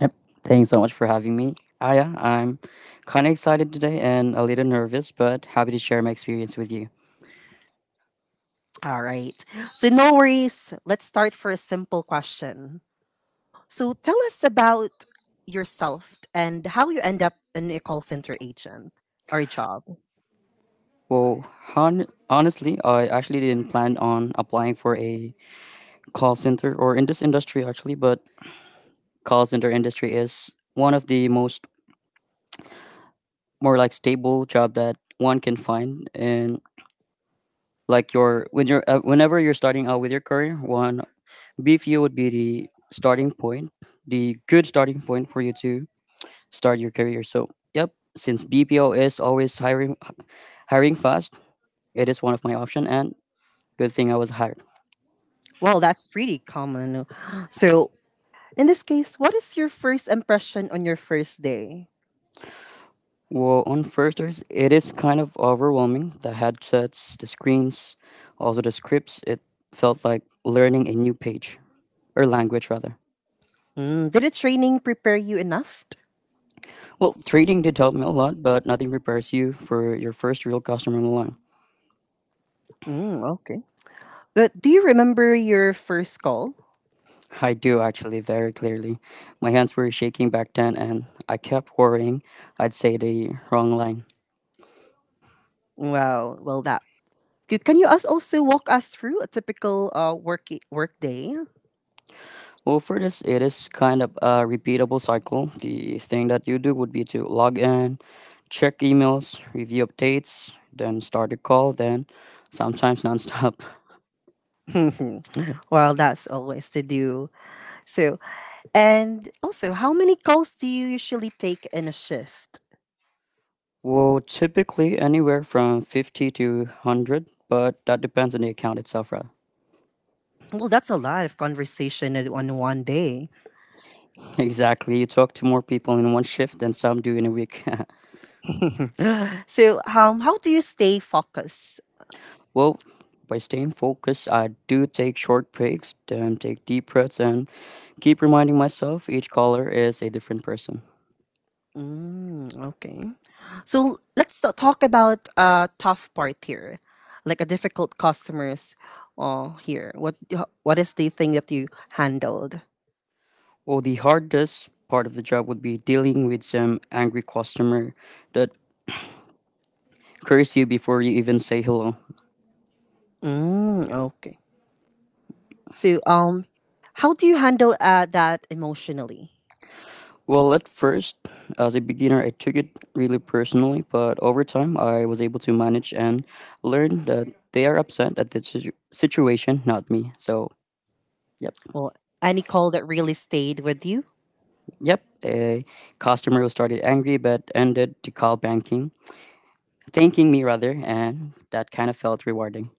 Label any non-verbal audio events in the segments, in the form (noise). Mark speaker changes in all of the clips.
Speaker 1: Yep. Thanks so much for having me. Yeah, I'm kind of excited today and a little nervous, but happy to share my experience with you. Well, Honestly, I actually didn't plan on applying for a call center or in this industry actually, but call center industry is one of the most more like stable job that one can find and like your when you're whenever you're starting out with your career, one BFU would be the starting point, the good starting point for you to start your career. So, yep, since BPO is always hiring fast, it is one of my option and good thing I was hired. Well, on firsters, it is kind of overwhelming. The headsets, the screens, also the scripts, it felt like learning a new page or language rather. Well, trading did help me a lot, but nothing prepares you for your first real customer in the line. I do actually very clearly. My hands were shaking back then, and I kept worrying I'd say the wrong line. Well, for this, it is kind of a repeatable cycle. The thing that you do would be to log in, check emails, review updates, then start a call, then sometimes nonstop. (laughs) Well, typically anywhere from 50 to 100, but that depends on the account itself, right? (laughs) Exactly. You talk to more people in one shift than some do in a week. (laughs) well, by staying focused, I do take short breaks, then take deep breaths, and keep reminding myself each caller is a different person. Well, the hardest part of the job would be dealing with some angry customer that curse you before you even say hello. Well, at first, as a beginner, I took it really personally, but over time, I was able to manage and learn that they are upset at the situation, not me. So, yep, yep, a customer who started angry but ended to call banking, thanking me rather, and that kind of felt rewarding.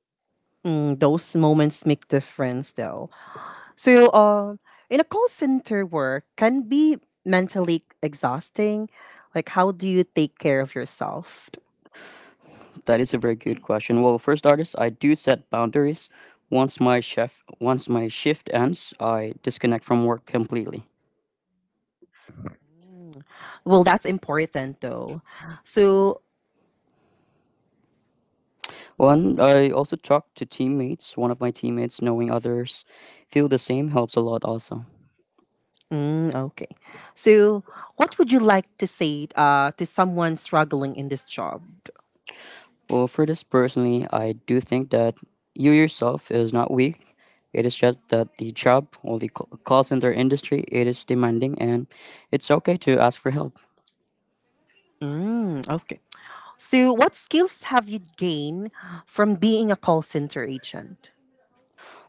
Speaker 1: That is a very good question. Well, first artist, I do set boundaries. Once my shift ends, I disconnect from work completely. One, I also talk to teammates. One of my teammates, knowing others feel the same, helps a lot also. Well, for this personally, I do think that you yourself is not weak. It is just that the job or the call center industry, it is demanding and it's okay to ask for help.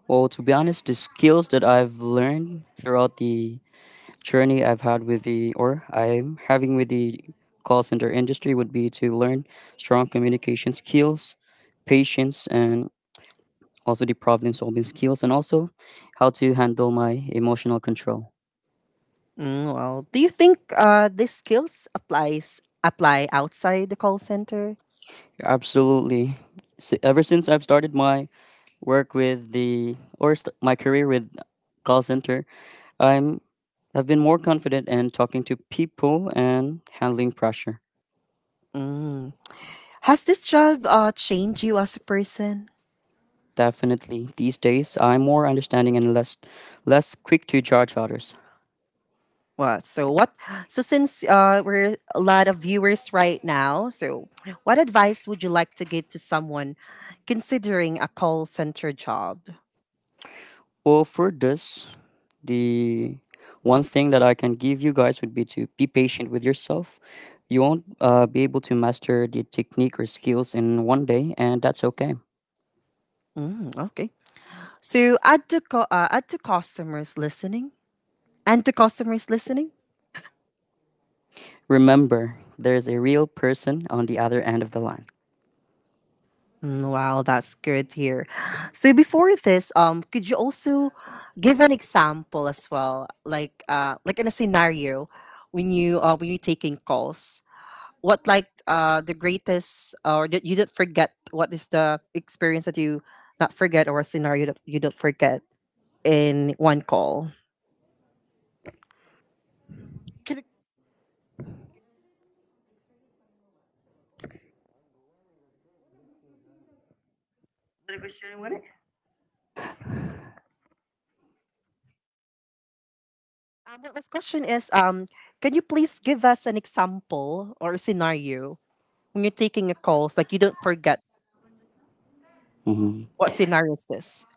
Speaker 1: Well, to be honest, the skills that I've learned throughout the journey I'm having with the call center industry would be to learn strong communication skills, patience, and also the problem solving skills, and also how to handle my emotional control. Absolutely. S Ever since I've started my work with the or st- my career with call center, I'm I've been more confident in talking to people and handling pressure. Definitely. These days, I'm more understanding and less quick to judge others. Well, for this, the one thing that I can give you guys would be to be patient with yourself. You won't be able to master the technique or skills in one day, and that's okay. Remember, there's a real person on the other end of the line.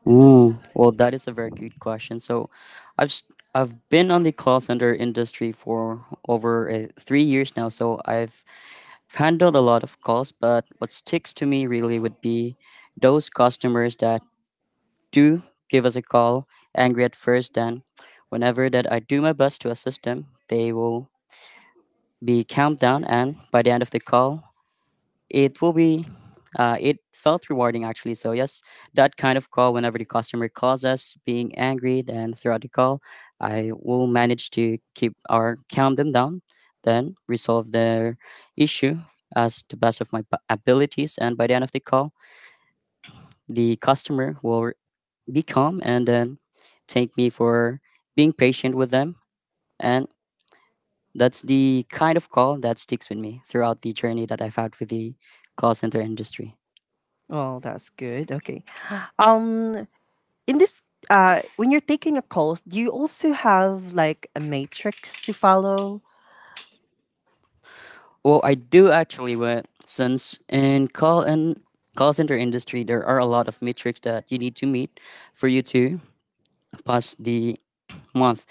Speaker 1: Ooh, well, that is a very good question. So, I've s- I've been on the call center industry for over 3 years now. So I've handled a lot of calls, but what sticks to me really would be those customers that do give us a call angry at first. Then, whenever that I do my best to assist them, they will be calmed down, and by the end of the call, it will be, it felt rewarding actually. So, yes, that kind of call, whenever the customer calls us being angry, then throughout the call, I will manage to keep or calm them down, then resolve their issue as the best of my abilities. And by the end of the call, the customer will be calm and then thank me for being patient with them. And that's the kind of call that sticks with me throughout the journey that I've had with the call center industry. Well, I do actually, but since in call center industry, there are a lot of metrics that you need to meet for you to pass the month.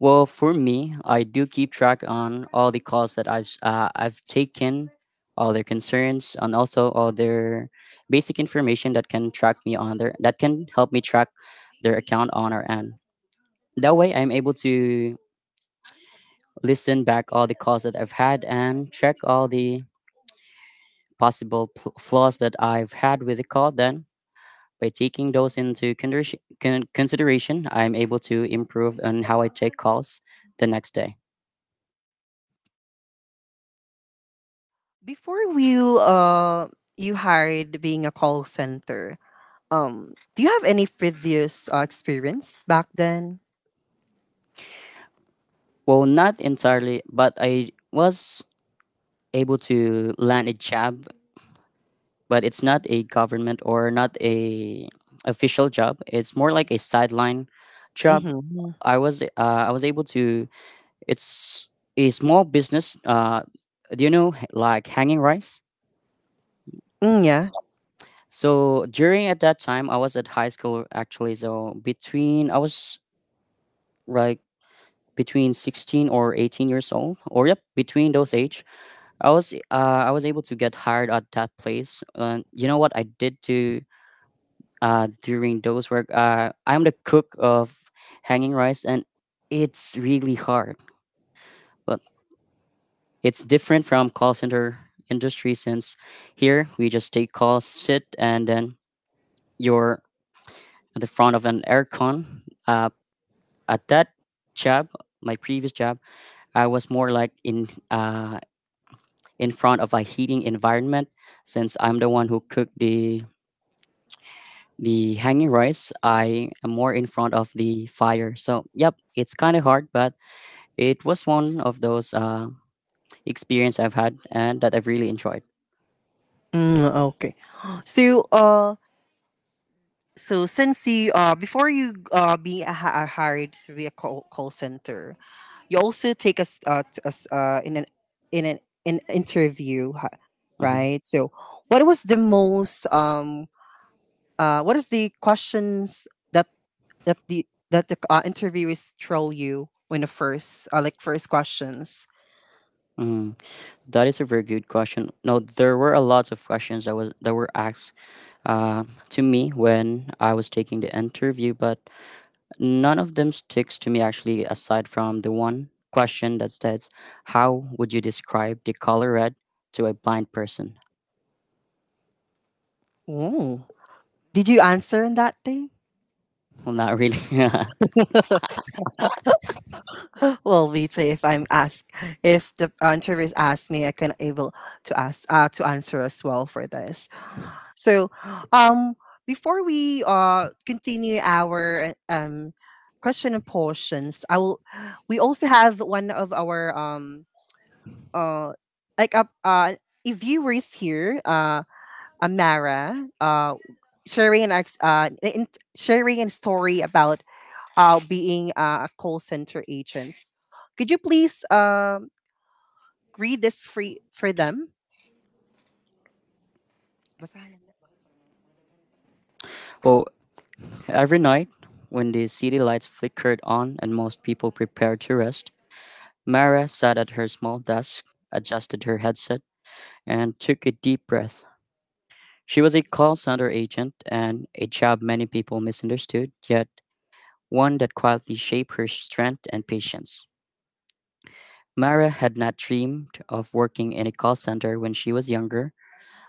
Speaker 1: Well, for me, I do keep track on all the calls that I've taken, all their concerns, and also all their basic information that can help me track their account on our end. That way, I'm able to listen back all the calls that I've had and check all the possible flaws that I've had with the code. Then, by taking those into consideration, I'm able to improve on how I take calls the next day. Well, not entirely, but I was able to land a job, but it's not a government or not a official job. It's more like a sideline job. I was uh, I was able to. It's a small business. Do you know like hanging rice? So during at that time, I was at high school actually. So between I was like between 16 or 18 years old, or yep, between those age, I was able to get hired at that place. And you know what I did to during those work? I'm the cook of hanging rice, and it's really hard, but it's different from call center industry since here we just take calls, sit, and then you're at the front of an aircon uh. At that job, my previous job, I was more like in front of a heating environment since I'm the one who cooked the hanging rice. I am more in front of the fire. So yep, it's kind of hard, but it was one of those experience I've had and that I've really enjoyed. Mhm. Mm, that is a very good question. No, there were a lot of questions that were asked uh, to me when I was taking the interview, but none of them sticks to me actually, aside from the one question that says, how would you describe the color red to a blind person? Well, not really. (laughs) well, every night when the city lights flickered on and most people prepared to rest, Mara sat at her small desk, adjusted her headset, and took a deep breath. She was a call center agent and a job many people misunderstood, yet one that quietly shaped her strength and patience. Mara had not dreamed of working in a call center when she was younger.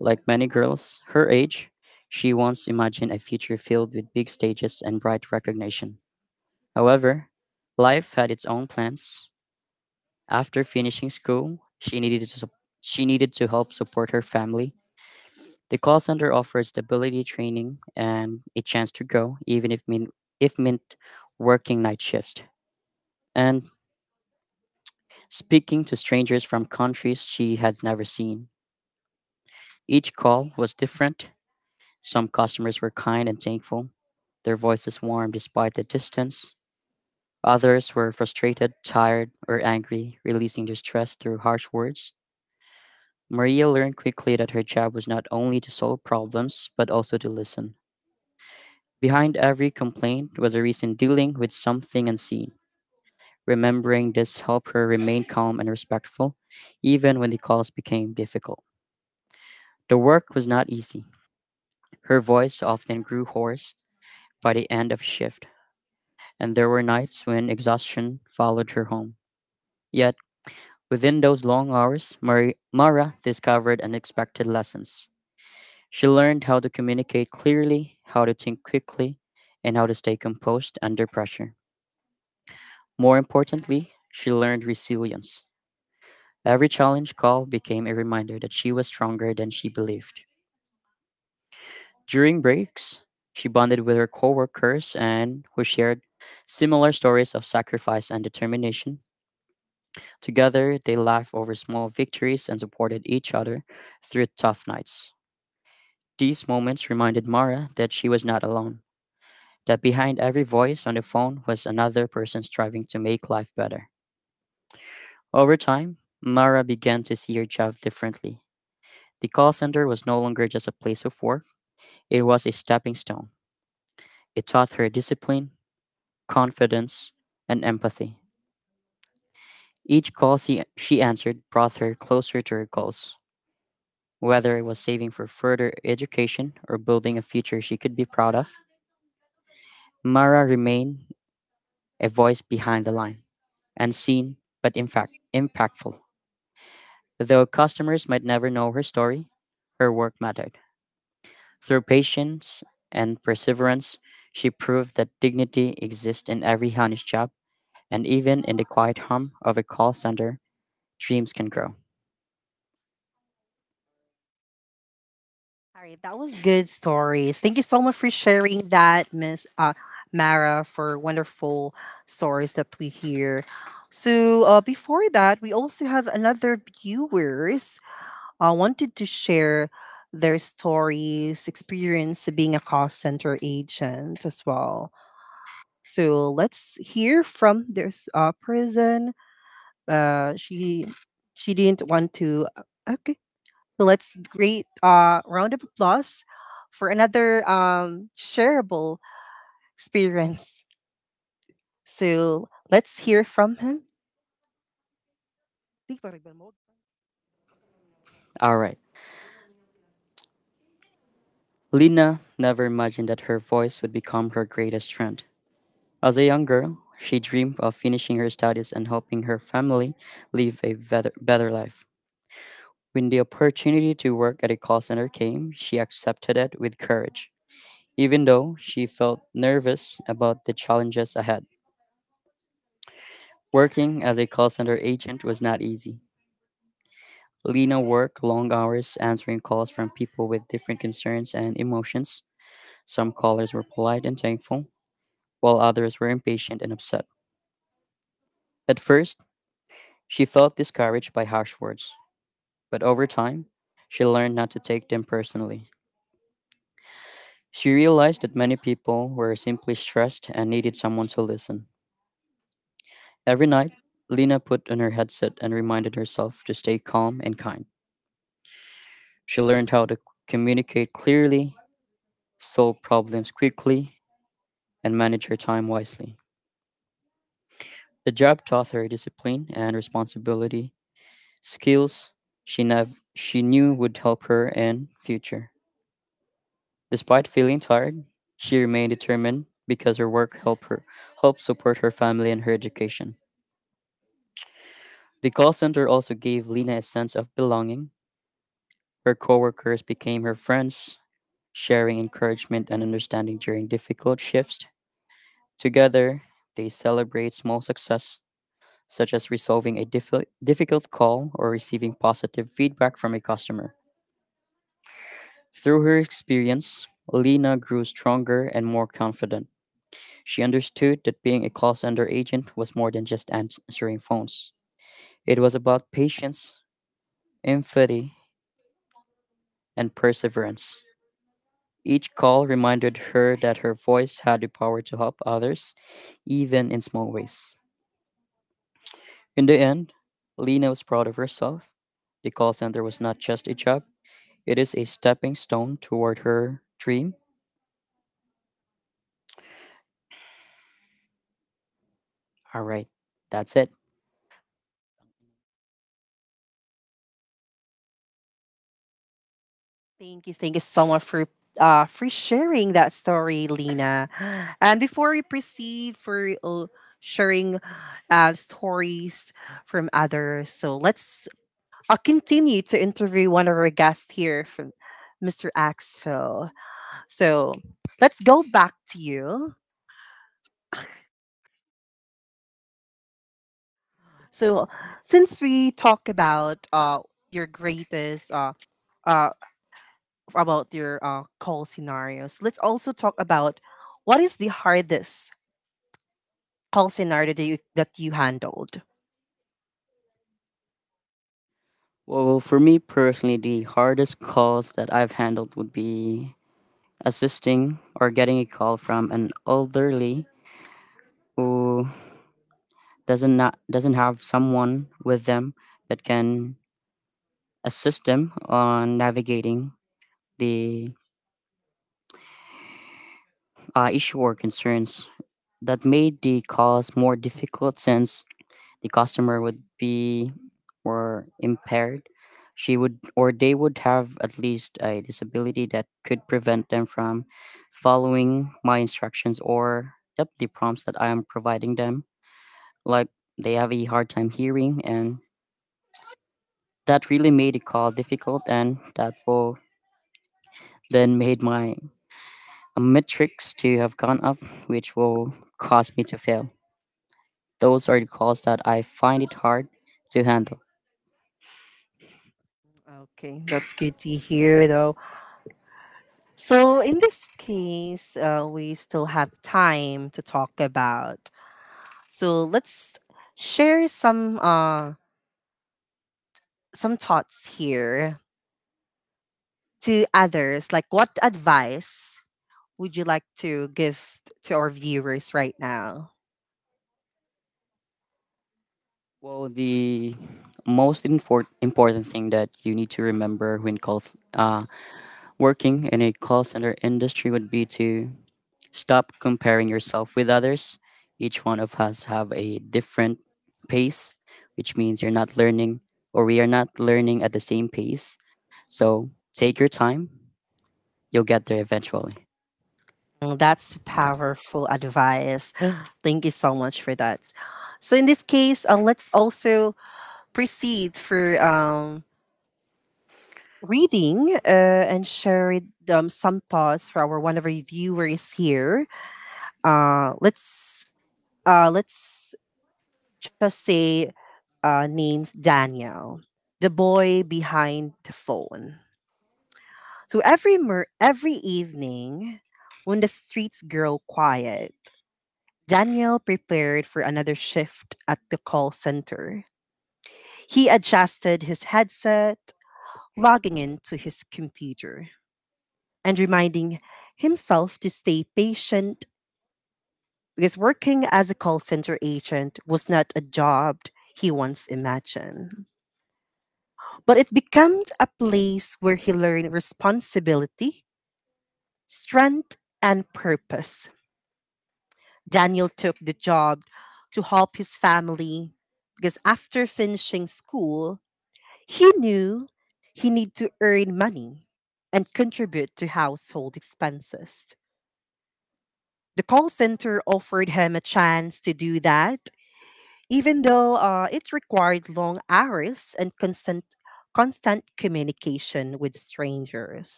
Speaker 1: Like many girls her age, she once imagined a future filled with big stages and bright recognition. However, life had its own plans. After finishing school, she needed to help support her family. The call center offered stability training and a chance to grow, even if mean, if meant working night shifts and speaking to strangers from countries she had never seen. Each call was different. Some customers were kind and thankful. Their voices warm despite the distance. Others were frustrated, tired, or angry, releasing their stress through harsh words. Maria learned quickly that her job was not only to solve problems, but also to listen. Behind every complaint was a reason dealing with something unseen. Remembering this helped her remain calm and respectful, even when the calls became difficult. The work was not easy. Her voice often grew hoarse, by the end of shift, and there were nights when exhaustion followed her home. Yet, within those long hours, Mara discovered unexpected lessons. She learned how to communicate clearly, how to think quickly, and how to stay composed under pressure. More importantly, she learned resilience. Every challenge call became a reminder that she was stronger than she believed. During breaks, she bonded with her coworkers and who shared similar stories of sacrifice and determination. Together, they laughed over small victories and supported each other through tough nights. These moments reminded Mara that she was not alone, that behind every voice on the phone was another person striving to make life better. Over time, Mara began to see her job differently. The call center was no longer just a place of work, it was a stepping stone. It taught her discipline, confidence, and empathy. Each call she answered brought her closer to her goals. Whether it was saving for further education or building a future she could be proud of, Mara remained a voice behind the line, unseen but in fact impactful. Though customers might never know her story, her work mattered. Through patience and perseverance, she proved that dignity exists in every honest job, and even in the quiet hum of a call center, dreams can grow. All right. Lina never imagined that her voice would become her greatest strength. As a young girl, she dreamed of finishing her studies and helping her family live a better life. When the opportunity to work at a call center came, she accepted it with courage, even though she felt nervous about the challenges ahead. Working as a call center agent was not easy. Lena worked long hours answering calls from people with different concerns and emotions. Some callers were polite and thankful, while others were impatient and upset. At first, she felt discouraged by harsh words, but over time, she learned not to take them personally. She realized that many people were simply stressed and needed someone to listen. Every night, Lena put on her headset and reminded herself to stay calm and kind. She learned how to communicate clearly, solve problems quickly, and manage her time wisely. The job taught her discipline and responsibility, skills she knew would help her in future. Despite feeling tired, she remained determined because her work helped support her family and her education. The call center also gave Lena a sense of belonging. Her coworkers became her friends, sharing encouragement and understanding during difficult shifts. Together, they celebrate small success, such as resolving a difficult call or receiving positive feedback from a customer. Through her experience, Lena grew stronger and more confident. She understood that being a call center agent was more than just answering phones. It was about patience, empathy, and perseverance. Each call reminded her that her voice had the power to help others, even in small ways. In the end, Lena was proud of herself. The call center was not just a job, it is a stepping stone toward her dream. All right, that's it. Well, for me personally, the hardest calls that I've handled would be assisting or getting a call from an elderly who doesn't have someone with them that can assist them on navigating the issue or concerns that made the calls more difficult, since the customer would be more impaired. She would, or they would, have at least a disability that could prevent them from following my instructions or, yep, the prompts that I am providing them, like, they have a hard time hearing, and that really made the call difficult, and that will then made my metrics to have gone up, which will cause me to fail. Those are the calls that I find it hard to handle. Well, the most important thing that you need to remember when call uh, working in a call center industry would be to stop comparing yourself with others. Each one of us have a different pace, which means you're not learning, or we are not learning, at the same pace. So take your time. You'll get there eventually.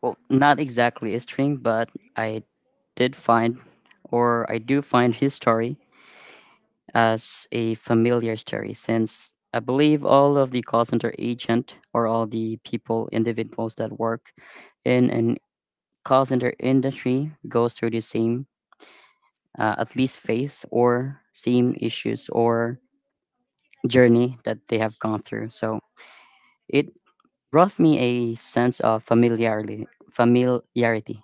Speaker 1: Well, not exactly a string, but I did find or I do find his story as a familiar story, since I believe all of the call center agent, or all the people, individuals that work in an call center industry, goes through the same, at least phase, or same issues, or journey that they have gone through. So it brought me a sense of familiarity. Familiarity.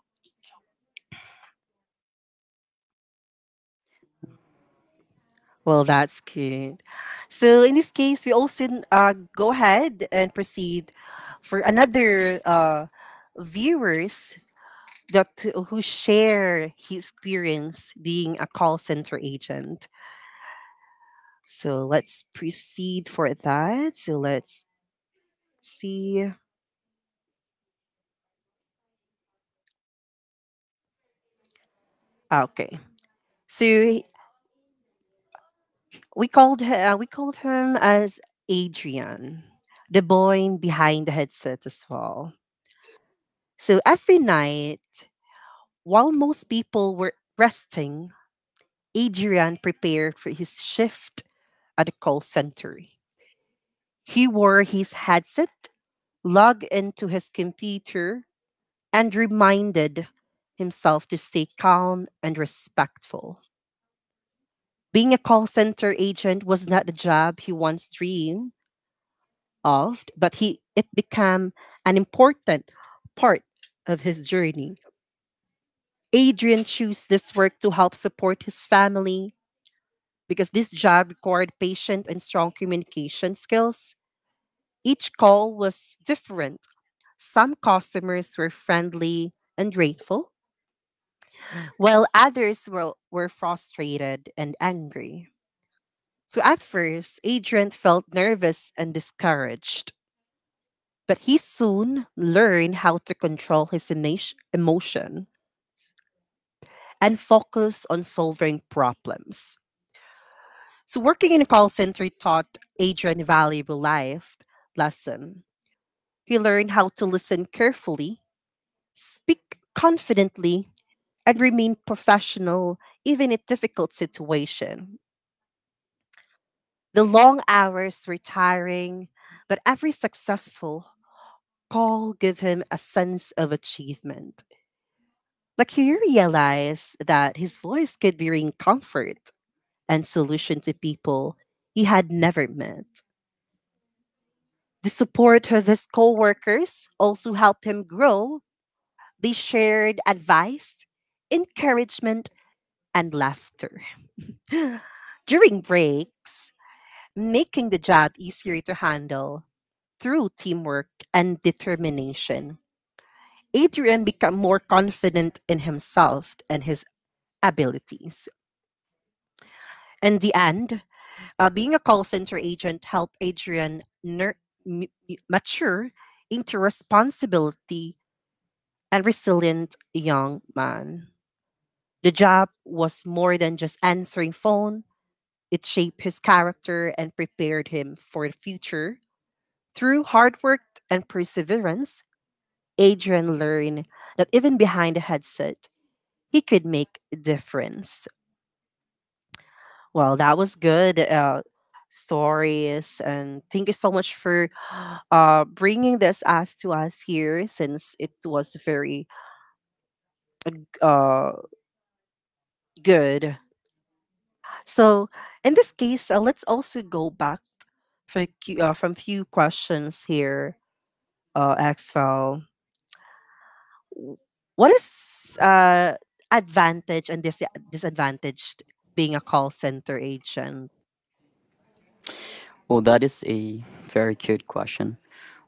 Speaker 1: Well, that is a very cute question.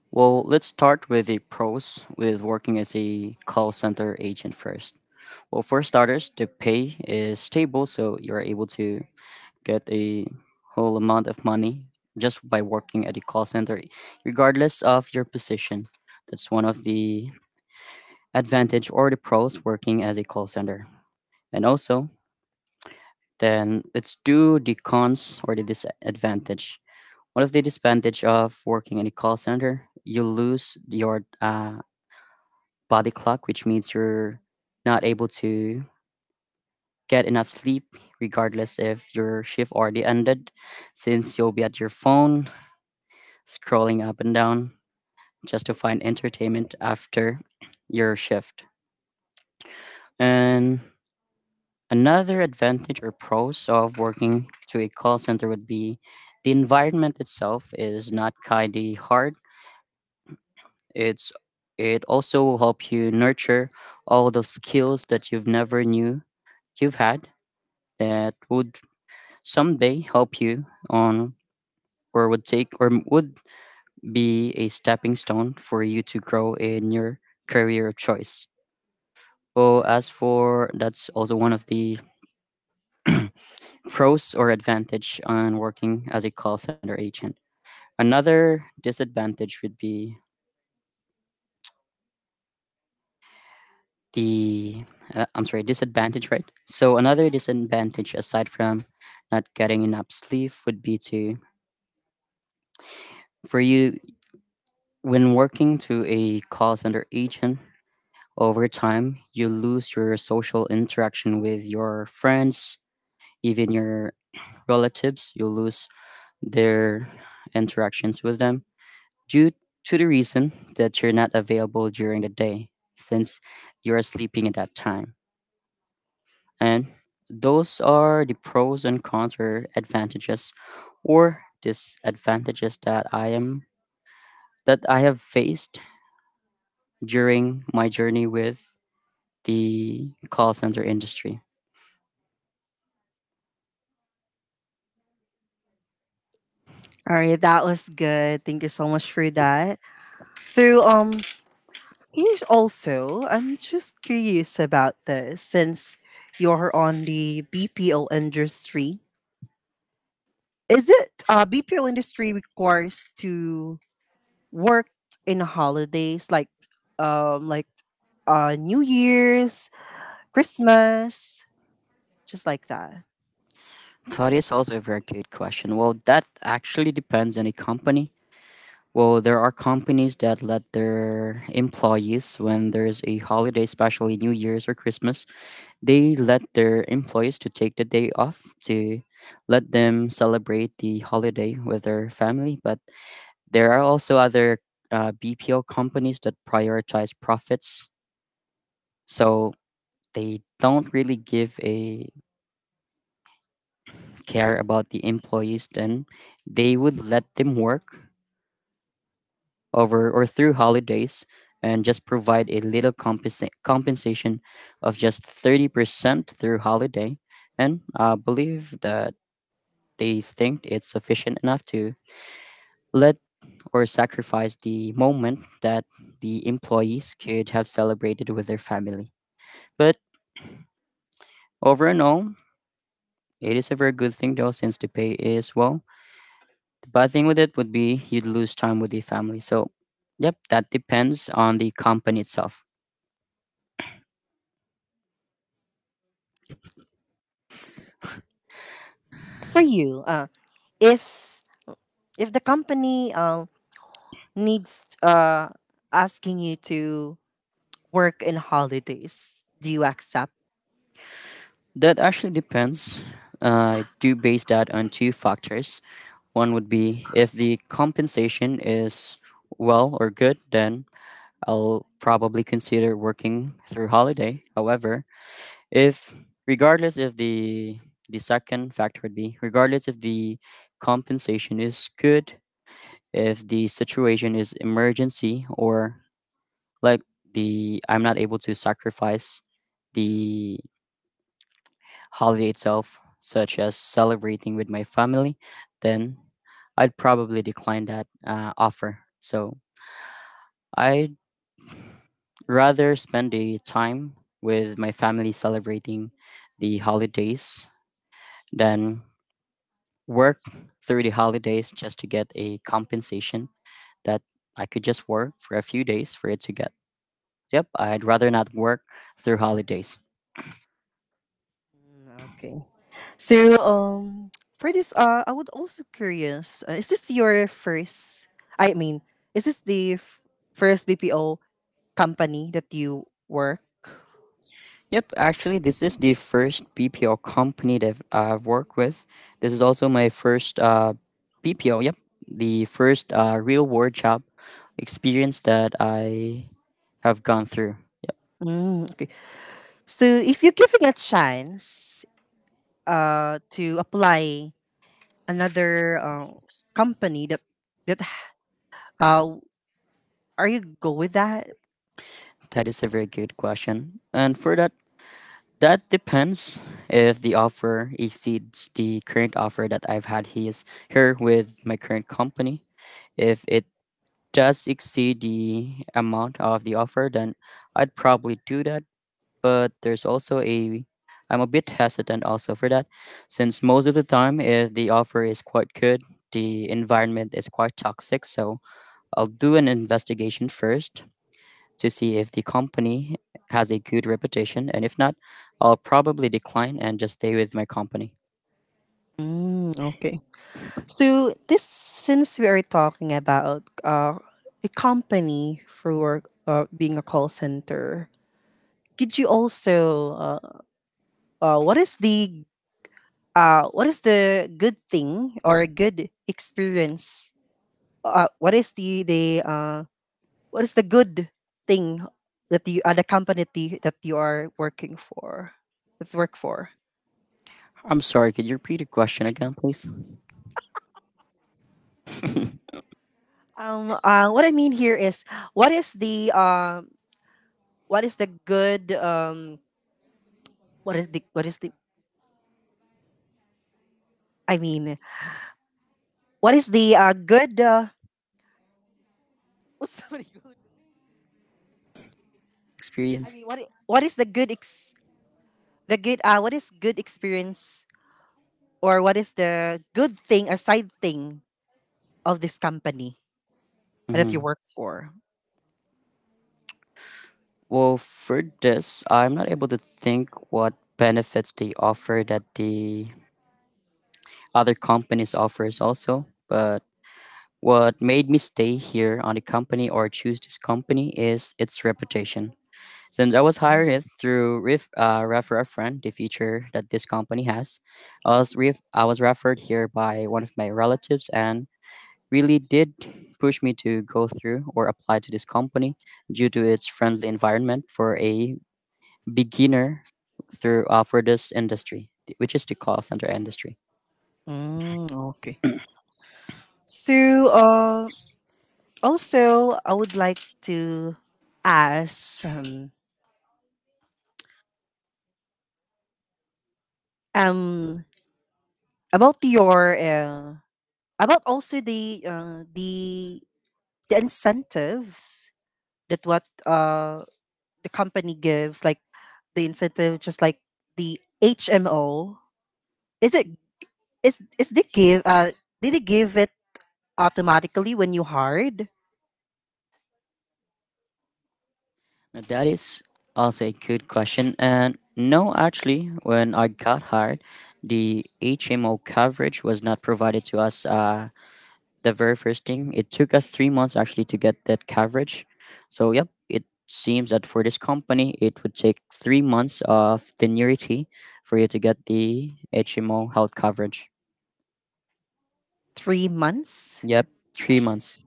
Speaker 1: Well, let's start with the pros with working as a call center agent first. Well, for starters, the pay is stable, so you're able to get a whole amount of money just by working at a call center, regardless of your position. That's one of the advantage or the pros working as a call center. And also, then let's do the cons or the disadvantage. One of the disadvantage of working in a call center, you lose your body clock, which means you're not able to get enough sleep regardless if your shift already ended, since you'll be at your phone scrolling up and down just to find entertainment after your shift. And another advantage or pros of working to a call center would be the environment itself is not kind of hard. It's, it also will help you nurture all the skills that you've never knew you've had, that would someday help you on, or would would be a stepping stone for you to grow in your career of choice. Oh, as for that's also one of the (clears throat) pros or advantage on working as a call center agent. Another disadvantage would be the I'm sorry, disadvantage, right? So another disadvantage aside from not getting enough sleep would be to, for you, when working to a call center agent, over time, you lose your social interaction with your friends, even your relatives, you lose their interactions with them due to the reason that you're not available during the day, since you're sleeping at that time. And those are the pros and cons, or advantages or disadvantages, that I am that I have faced during my journey with the call center industry. That is also a very good question. Well, that actually depends on a company. Well, there are companies that let their employees, when there's a holiday, especially New Year's or Christmas, they let their employees to take the day off to let them celebrate the holiday with their family. But there are also other BPO companies that prioritize profits, so they don't really give a care about the employees. Then they would let them work over or through holidays and just provide a little compensation of just 30% through holiday, and believe that they think it's sufficient enough to let or sacrifice the moment that the employees could have celebrated with their family. But over and all, it is a very good thing though, since the pay is well. The bad thing with it would be you'd lose time with the family. So, yep, that depends on the company itself. That actually depends. I do base that on two factors. One would be if the compensation is well or good, then I'll probably consider working through holiday. However, if regardless if the the second factor would be regardless if the compensation is good, if the situation is emergency, or like, the I'm not able to sacrifice the holiday itself, such as celebrating with my family, then I'd probably decline that offer. So I'd rather spend the time with my family celebrating the holidays than work through the holidays just to get a compensation that I could just work for a few days for it to get. Yep, I'd rather not work through holidays. Yep, actually, this is the first BPO company that I've worked with. This is also my first BPO. Yep, the first real world job experience that I have gone through. That is a very good question, and for that, that depends if the offer exceeds the current offer that I've had his here with my current company. If it does exceed the amount of the offer, then I'd probably do that. But there's also a, I'm a bit hesitant also for that, since most of the time if the offer is quite good, the environment is quite toxic. So I'll do an investigation first to see if the company has a good reputation, and if not, I'll probably decline and just stay with my company. I'm sorry, could you repeat the question again, please? Experience. Mm-hmm. Well, for this, I'm not able to think what benefits they offer that the other companies offers also, but what made me stay here on the company or choose this company is its reputation, since I was hired it through refer a friend, the feature that this company has. I was, I was referred here by one of my relatives and really did push me to go through or apply to this company due to its friendly environment for a beginner through, for this industry, which is the call center industry. Now, that is also a good question. And no, actually, when I got hired, the HMO coverage was not provided to us, the very first thing. It took us 3 months actually to get that coverage. So, yep, it seems that for this company, it would take 3 months of tenuity for you to get the HMO health coverage. Yep, 3 months.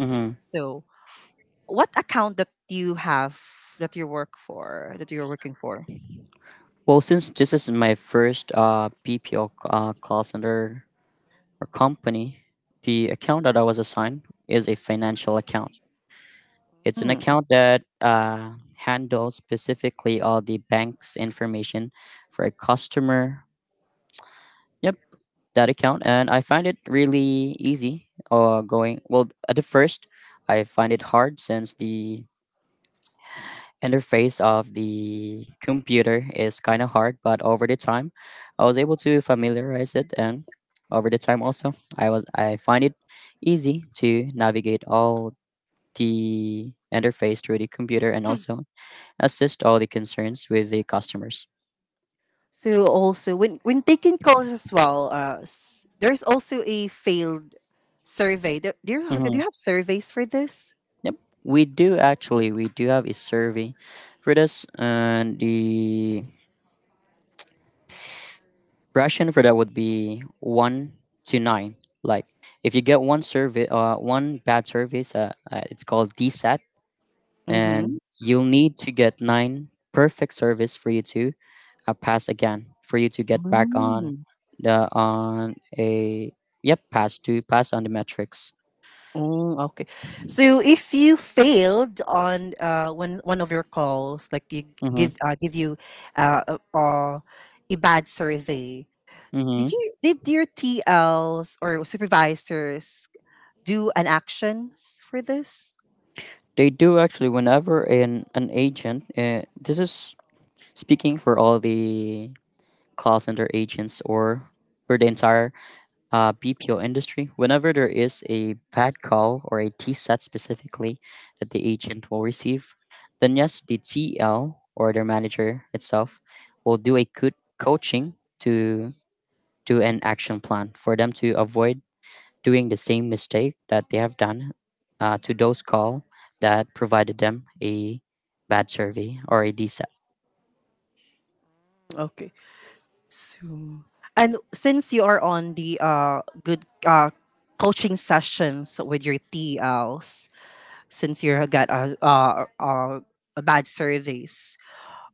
Speaker 1: Mm-hmm. Well, since this is my first call center or company, the account that I was assigned is a financial account. It's an account that handles specifically all the bank's information for a customer. Yep, that account, and I find it really easy. Going well at the first, I find it hard since the interface of the computer is kind of hard, but over the time, I was able to familiarize it, and over the time also, I find it easy to navigate all the interface through the computer and also assist all the concerns with the customers. Mm-hmm. Yep, we do actually. We do have a survey for this, and the ration for that would be one to nine. Like if you get one survey, one bad service, it's called DSAT, and you'll need to get nine perfect service for you to pass again for you to get back on a, yep, pass on the metrics. Mm-hmm. Mm-hmm. They do actually. Whenever an agent, this is speaking for all the call center agents or for the entire BPO industry, whenever there is a bad call or a T TSAT specifically that the agent will receive, then yes, the TL or their manager itself will do a good coaching to do an action plan for them to avoid doing the same mistake that they have done to those call that provided them a bad survey or a D DSAT.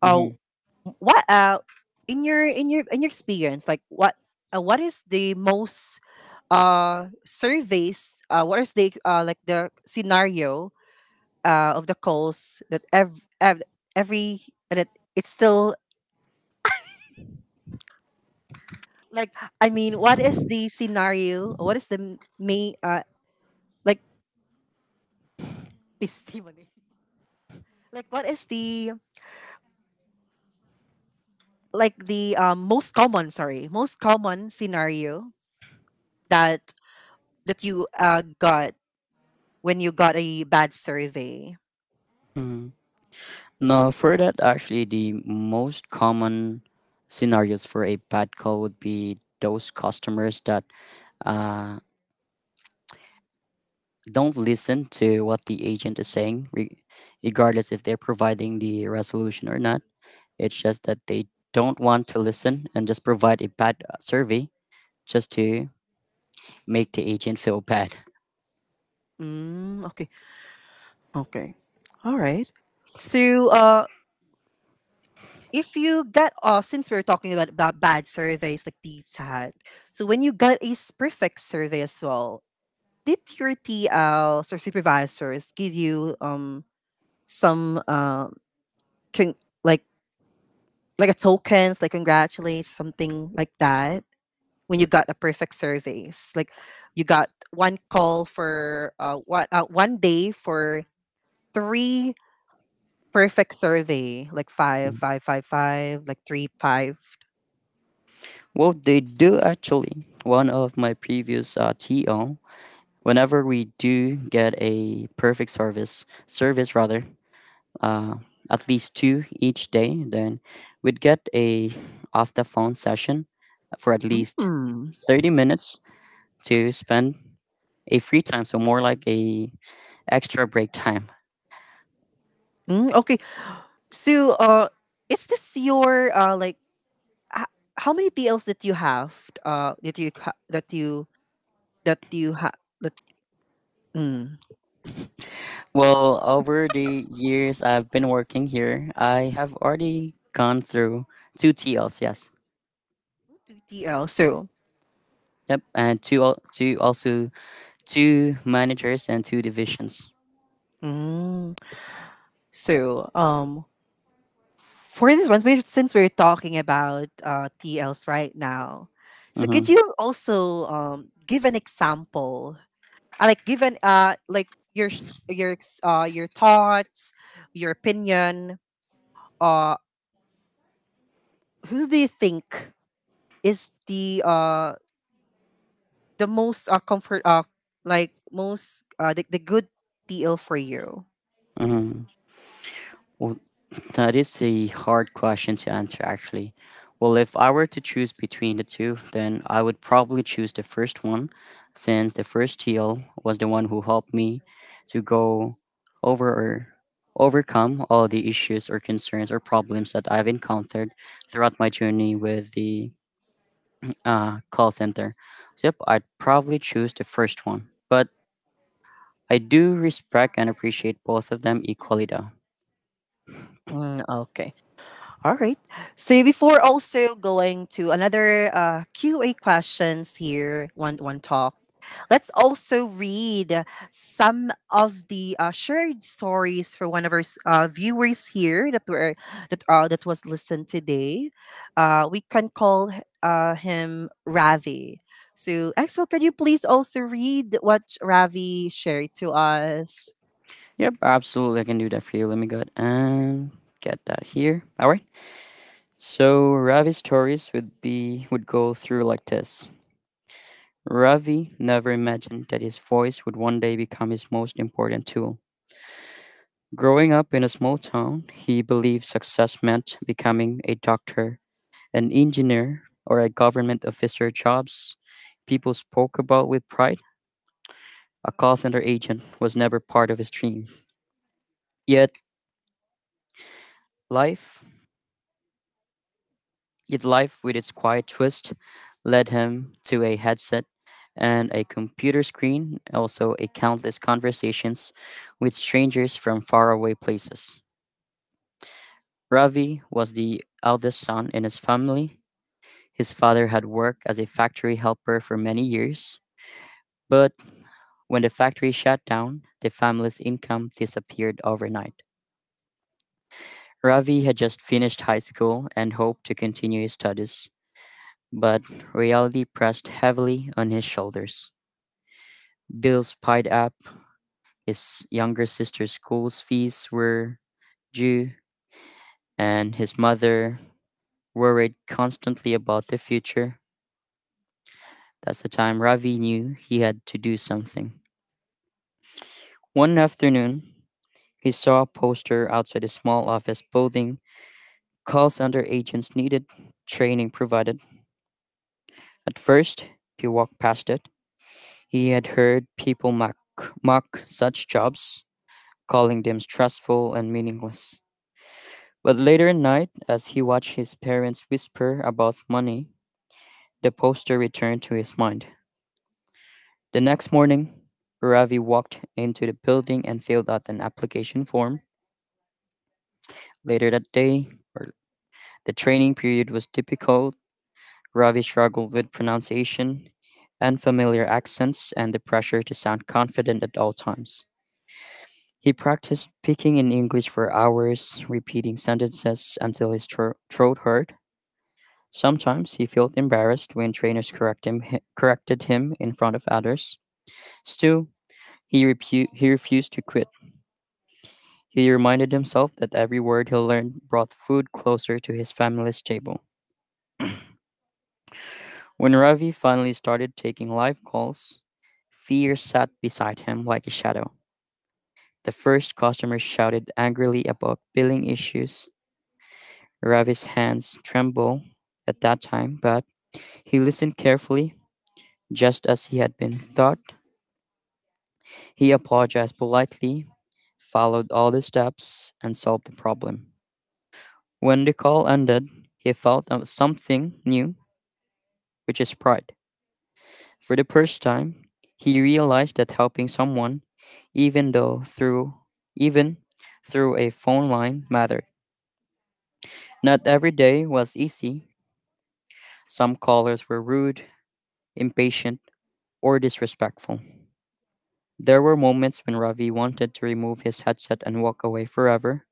Speaker 1: Mm-hmm. No, for that, actually, the most common scenarios for a bad call would be those customers that uh, don't listen to what the agent is saying, regardless if they're providing the resolution or not. It's just that they don't want to listen and just provide a bad survey just to make the agent feel bad. Well, they do actually. One of my previous TO, whenever we do get a perfect service, service rather, uh, at least two each day, then we'd get a off the phone session for at least 30 minutes to spend a free time, so more like a extra break time. Well, over the years I've been working here, I have already gone through two T Ls. Yes. Yep, and two managers and two divisions. Mm-hmm. Mm-hmm. Well, that is a hard question to answer, actually. Well, if I were to choose between the two, then I would probably choose the first one, since the first TL was the one who helped me to go over or overcome all the issues or concerns or problems that I've encountered throughout my journey with the call center. So, yep, I'd probably choose the first one. But I do respect and appreciate both of them equally, though. Yep, absolutely. I can do that for you. Let me go ahead and get that here. All right. So Ravi's stories would be would go through like this. Ravi never imagined that his voice would one day become his most important tool. Growing up in a small town, he believed success meant becoming a doctor, an engineer, or a government officer jobs people spoke about with pride. A call center agent was never part of his dream. Yet life Yet life, with its quiet twist, led him to a headset and a computer screen, also a countless conversations with strangers from faraway places. Ravi was the eldest son in his family. His father had worked as a factory helper for many years, but when the factory shut down, the family's income disappeared overnight. Ravi had just finished high school and hoped to continue his studies but reality pressed heavily on his shoulders. Bills piled up, his younger sister's school's fees were due, and his mother worried constantly about the future. That's the time Ravi knew he had to do something. One afternoon, he saw a poster outside a small office building. Calls under agents needed, training provided. At first, he walked past it. He had heard people mock such jobs calling them stressful and meaningless. But later at night, as he watched his parents whisper about money, the poster returned to his mind. The next morning, Ravi walked into the building and filled out an application form. Later that day, or- the training period was difficult. Ravi struggled with pronunciation, unfamiliar accents, and the pressure to sound confident at all times. He practiced speaking in English for hours, repeating sentences until his throat hurt. Sometimes he felt embarrassed when trainers corrected him in front of others. Still, he refused to quit. He reminded himself that every word he learned brought food closer to his family's table. When Ravi finally started taking live calls, fear sat beside him like a shadow. The first customer shouted angrily about billing issues. Ravi's hands trembled at that time, but he listened carefully, just as he had been taught. He apologized politely, followed all the steps, and solved the problem. When the call ended, he felt of something new, which is pride. For the first time, he realized that helping someone, even though through even through a phone line mattered. Not every day was easy. Some callers were rude, impatient, or disrespectful. There were moments when Ravi wanted to remove his headset and walk away forever,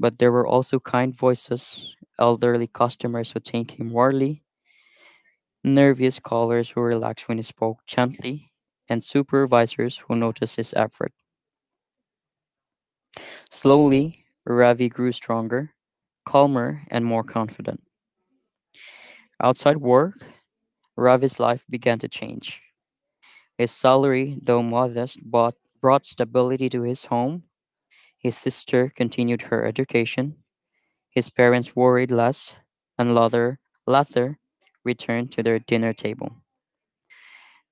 Speaker 1: but there were also kind voices, elderly customers who thanked him warmly, nervous callers who relaxed when he spoke gently, and supervisors who noticed his effort. Slowly, Ravi grew stronger, calmer, and more confident. Outside work, Ravi's life began to change. His salary, though modest, brought stability to his home. His sister continued her education, his parents worried less, and Luther returned to their dinner table.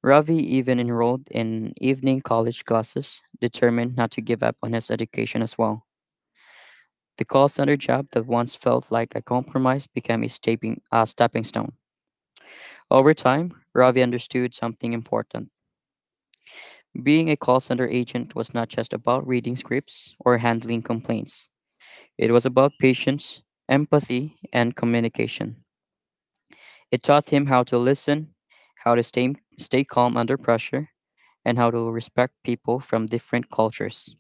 Speaker 1: Ravi even enrolled in evening college classes, determined not to give up on his education as well. The call center job that once felt like a compromise became a stepping stone. Over time, Ravi understood something important. Being a call center agent was not just about reading scripts or handling complaints, it was about patience, empathy, and communication. It taught him how to listen, how to stay calm under pressure, and how to respect people from different cultures.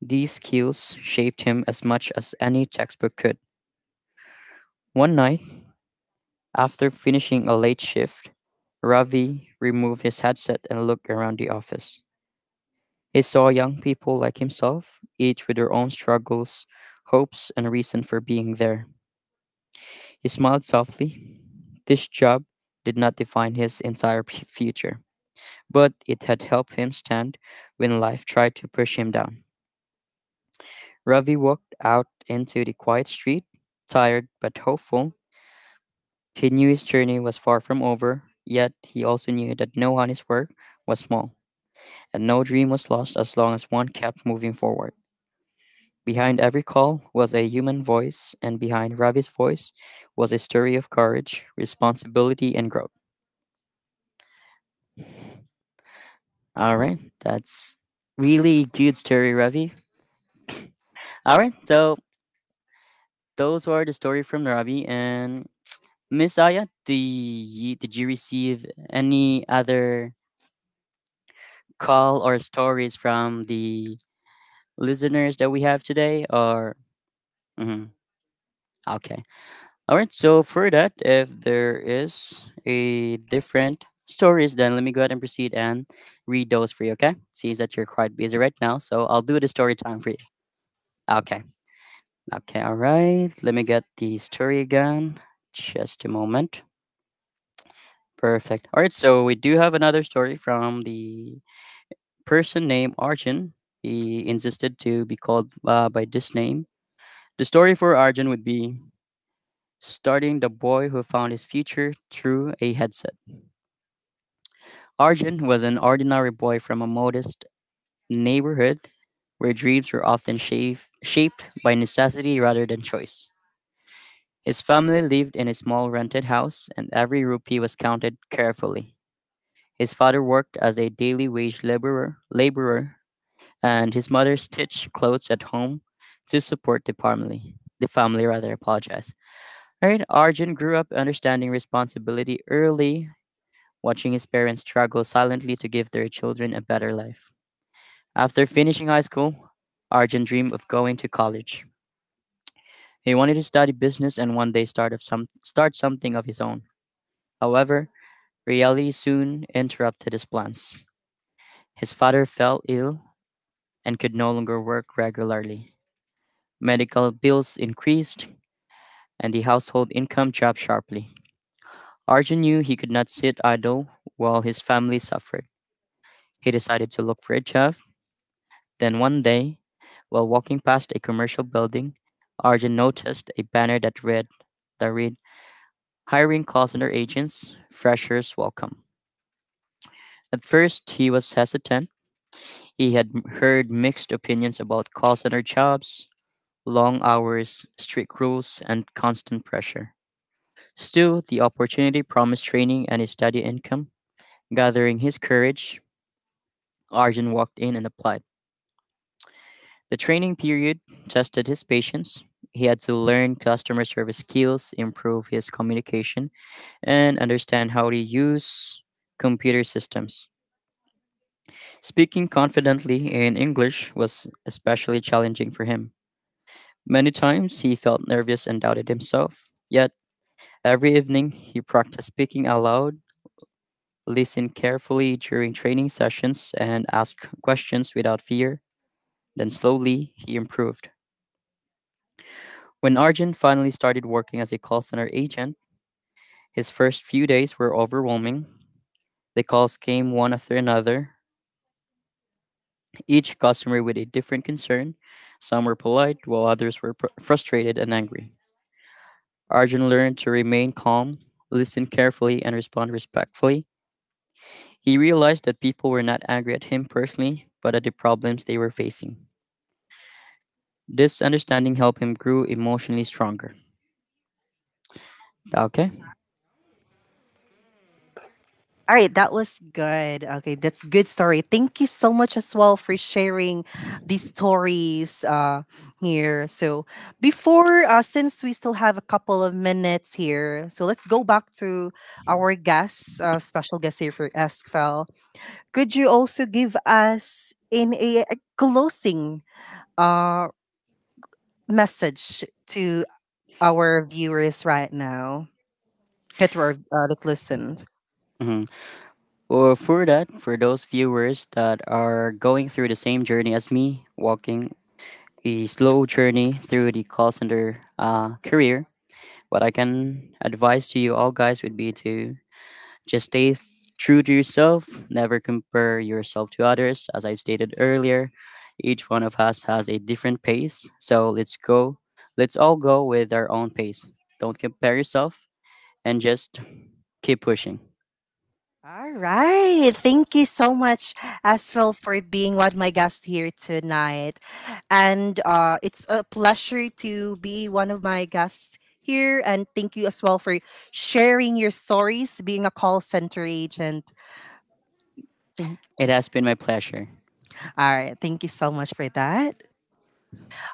Speaker 1: These skills shaped him as much as any textbook could. One night, after finishing a late shift, Ravi removed his headset and looked around the office. He saw young people like himself, each with their own struggles, hopes, and reason for being there. He smiled softly. This job did not define his entire future, but it had helped him stand when life tried to push him down. Ravi walked out into the quiet street, tired but hopeful. He knew his journey was far from over, yet he also knew that no honest work was small, and no dream was lost as long as one kept moving forward. Behind every call was a human voice, and behind Ravi's voice was a story of courage, responsibility, and growth. All right, that's really good story, Ravi. All right, so those were the story from Ravi and Miss Aya. Do you, did you receive any other call or stories from the listeners that we have today? Or mhm, okay, all right. So for that, if there is a different stories, then let me go ahead and proceed and read those for you. Okay, seems that you're quite busy right now, so I'll do the story time for you. Okay, okay, all right. Let me get the story again. Just a moment. Perfect. All right, so we do have another story from the person named Arjun. He insisted to be called by this name. The story for Arjun would be starting the boy who found his future through a headset. Arjun was an ordinary boy from a modest neighborhood where dreams were often shaped by necessity rather than choice. His family lived in a small rented house, and every rupee was counted carefully. His father worked as a daily wage laborer and his mother stitched clothes at home to support the family. The family rather apologized. All right, Arjun grew up understanding responsibility early, watching his parents struggle silently to give their children a better life. After finishing high school, Arjun dreamed of going to college. He wanted to study business and one day start something of his own. However, reality soon interrupted his plans. His father fell ill and could no longer work regularly. Medical bills increased, and the household income dropped sharply. Arjun knew he could not sit idle while his family suffered. He decided to look for a job. Then one day, while walking past a commercial building, Arjun noticed a banner that read, Hiring call center agents, freshers welcome. At first, he was hesitant. He had heard mixed opinions about call center jobs, long hours, strict rules, and constant pressure. Still, the opportunity promised training and a steady income. Gathering his courage, Arjun walked in and applied. The training period tested his patience. He had to learn customer service skills, improve his communication, and understand how to use computer systems. Speaking confidently in English was especially challenging for him. Many times he felt nervous and doubted himself. Yet, every evening he practiced speaking aloud, listened carefully during training sessions, and asked questions without fear. Then slowly, he improved. When Arjun finally started working as a call center agent, his first few days were overwhelming. The calls came one after another, each customer with a different concern. Some were polite, while others were frustrated and angry. Arjun learned to remain calm, listen carefully, and respond respectfully. He realized that people were not angry at him personally, but at the problems they were facing. This understanding helped him grow emotionally stronger. Okay?
Speaker 2: All right, that was good. Okay, that's good story. Thank you so much as well for sharing these stories here. So before, since we still have a couple of minutes here, so let's go back to our guest, special guest here for Eskfell. Could you also give us in a closing uh, message to our viewers right now? That listened.
Speaker 1: Mhm. Or for that, for those viewers that are going through the same journey as me, walking a slow journey through the call center career, what I can advise to you all guys would be to just true to yourself, never compare yourself to others. As I've stated earlier, each one of us has a different pace. So let's all go with our own pace. Don't compare yourself and just keep pushing.
Speaker 2: All right. Thank you so much, Aswell, for being one of my guests here tonight. And it's a pleasure to be one of my guests here. And thank you as well for sharing your stories, being a call center agent. Thank.
Speaker 1: It has been my pleasure.
Speaker 2: All right. Thank you so much for that.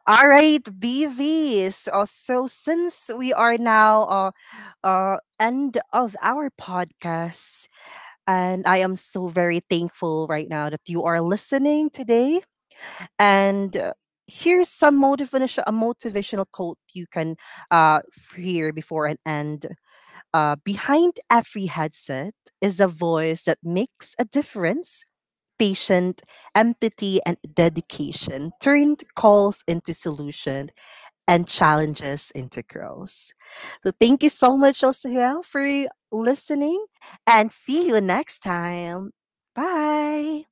Speaker 2: All right, BV. So since we are now end of our podcast, and I am so very thankful right now that you are listening today. And here's some motivation, a motivational quote you can uh, hear before an end. Behind every headset is a voice that makes a difference. Patient empathy and dedication turned calls into solution and challenges into growth. So thank you so much, Josuel, for listening and see you next time. Bye.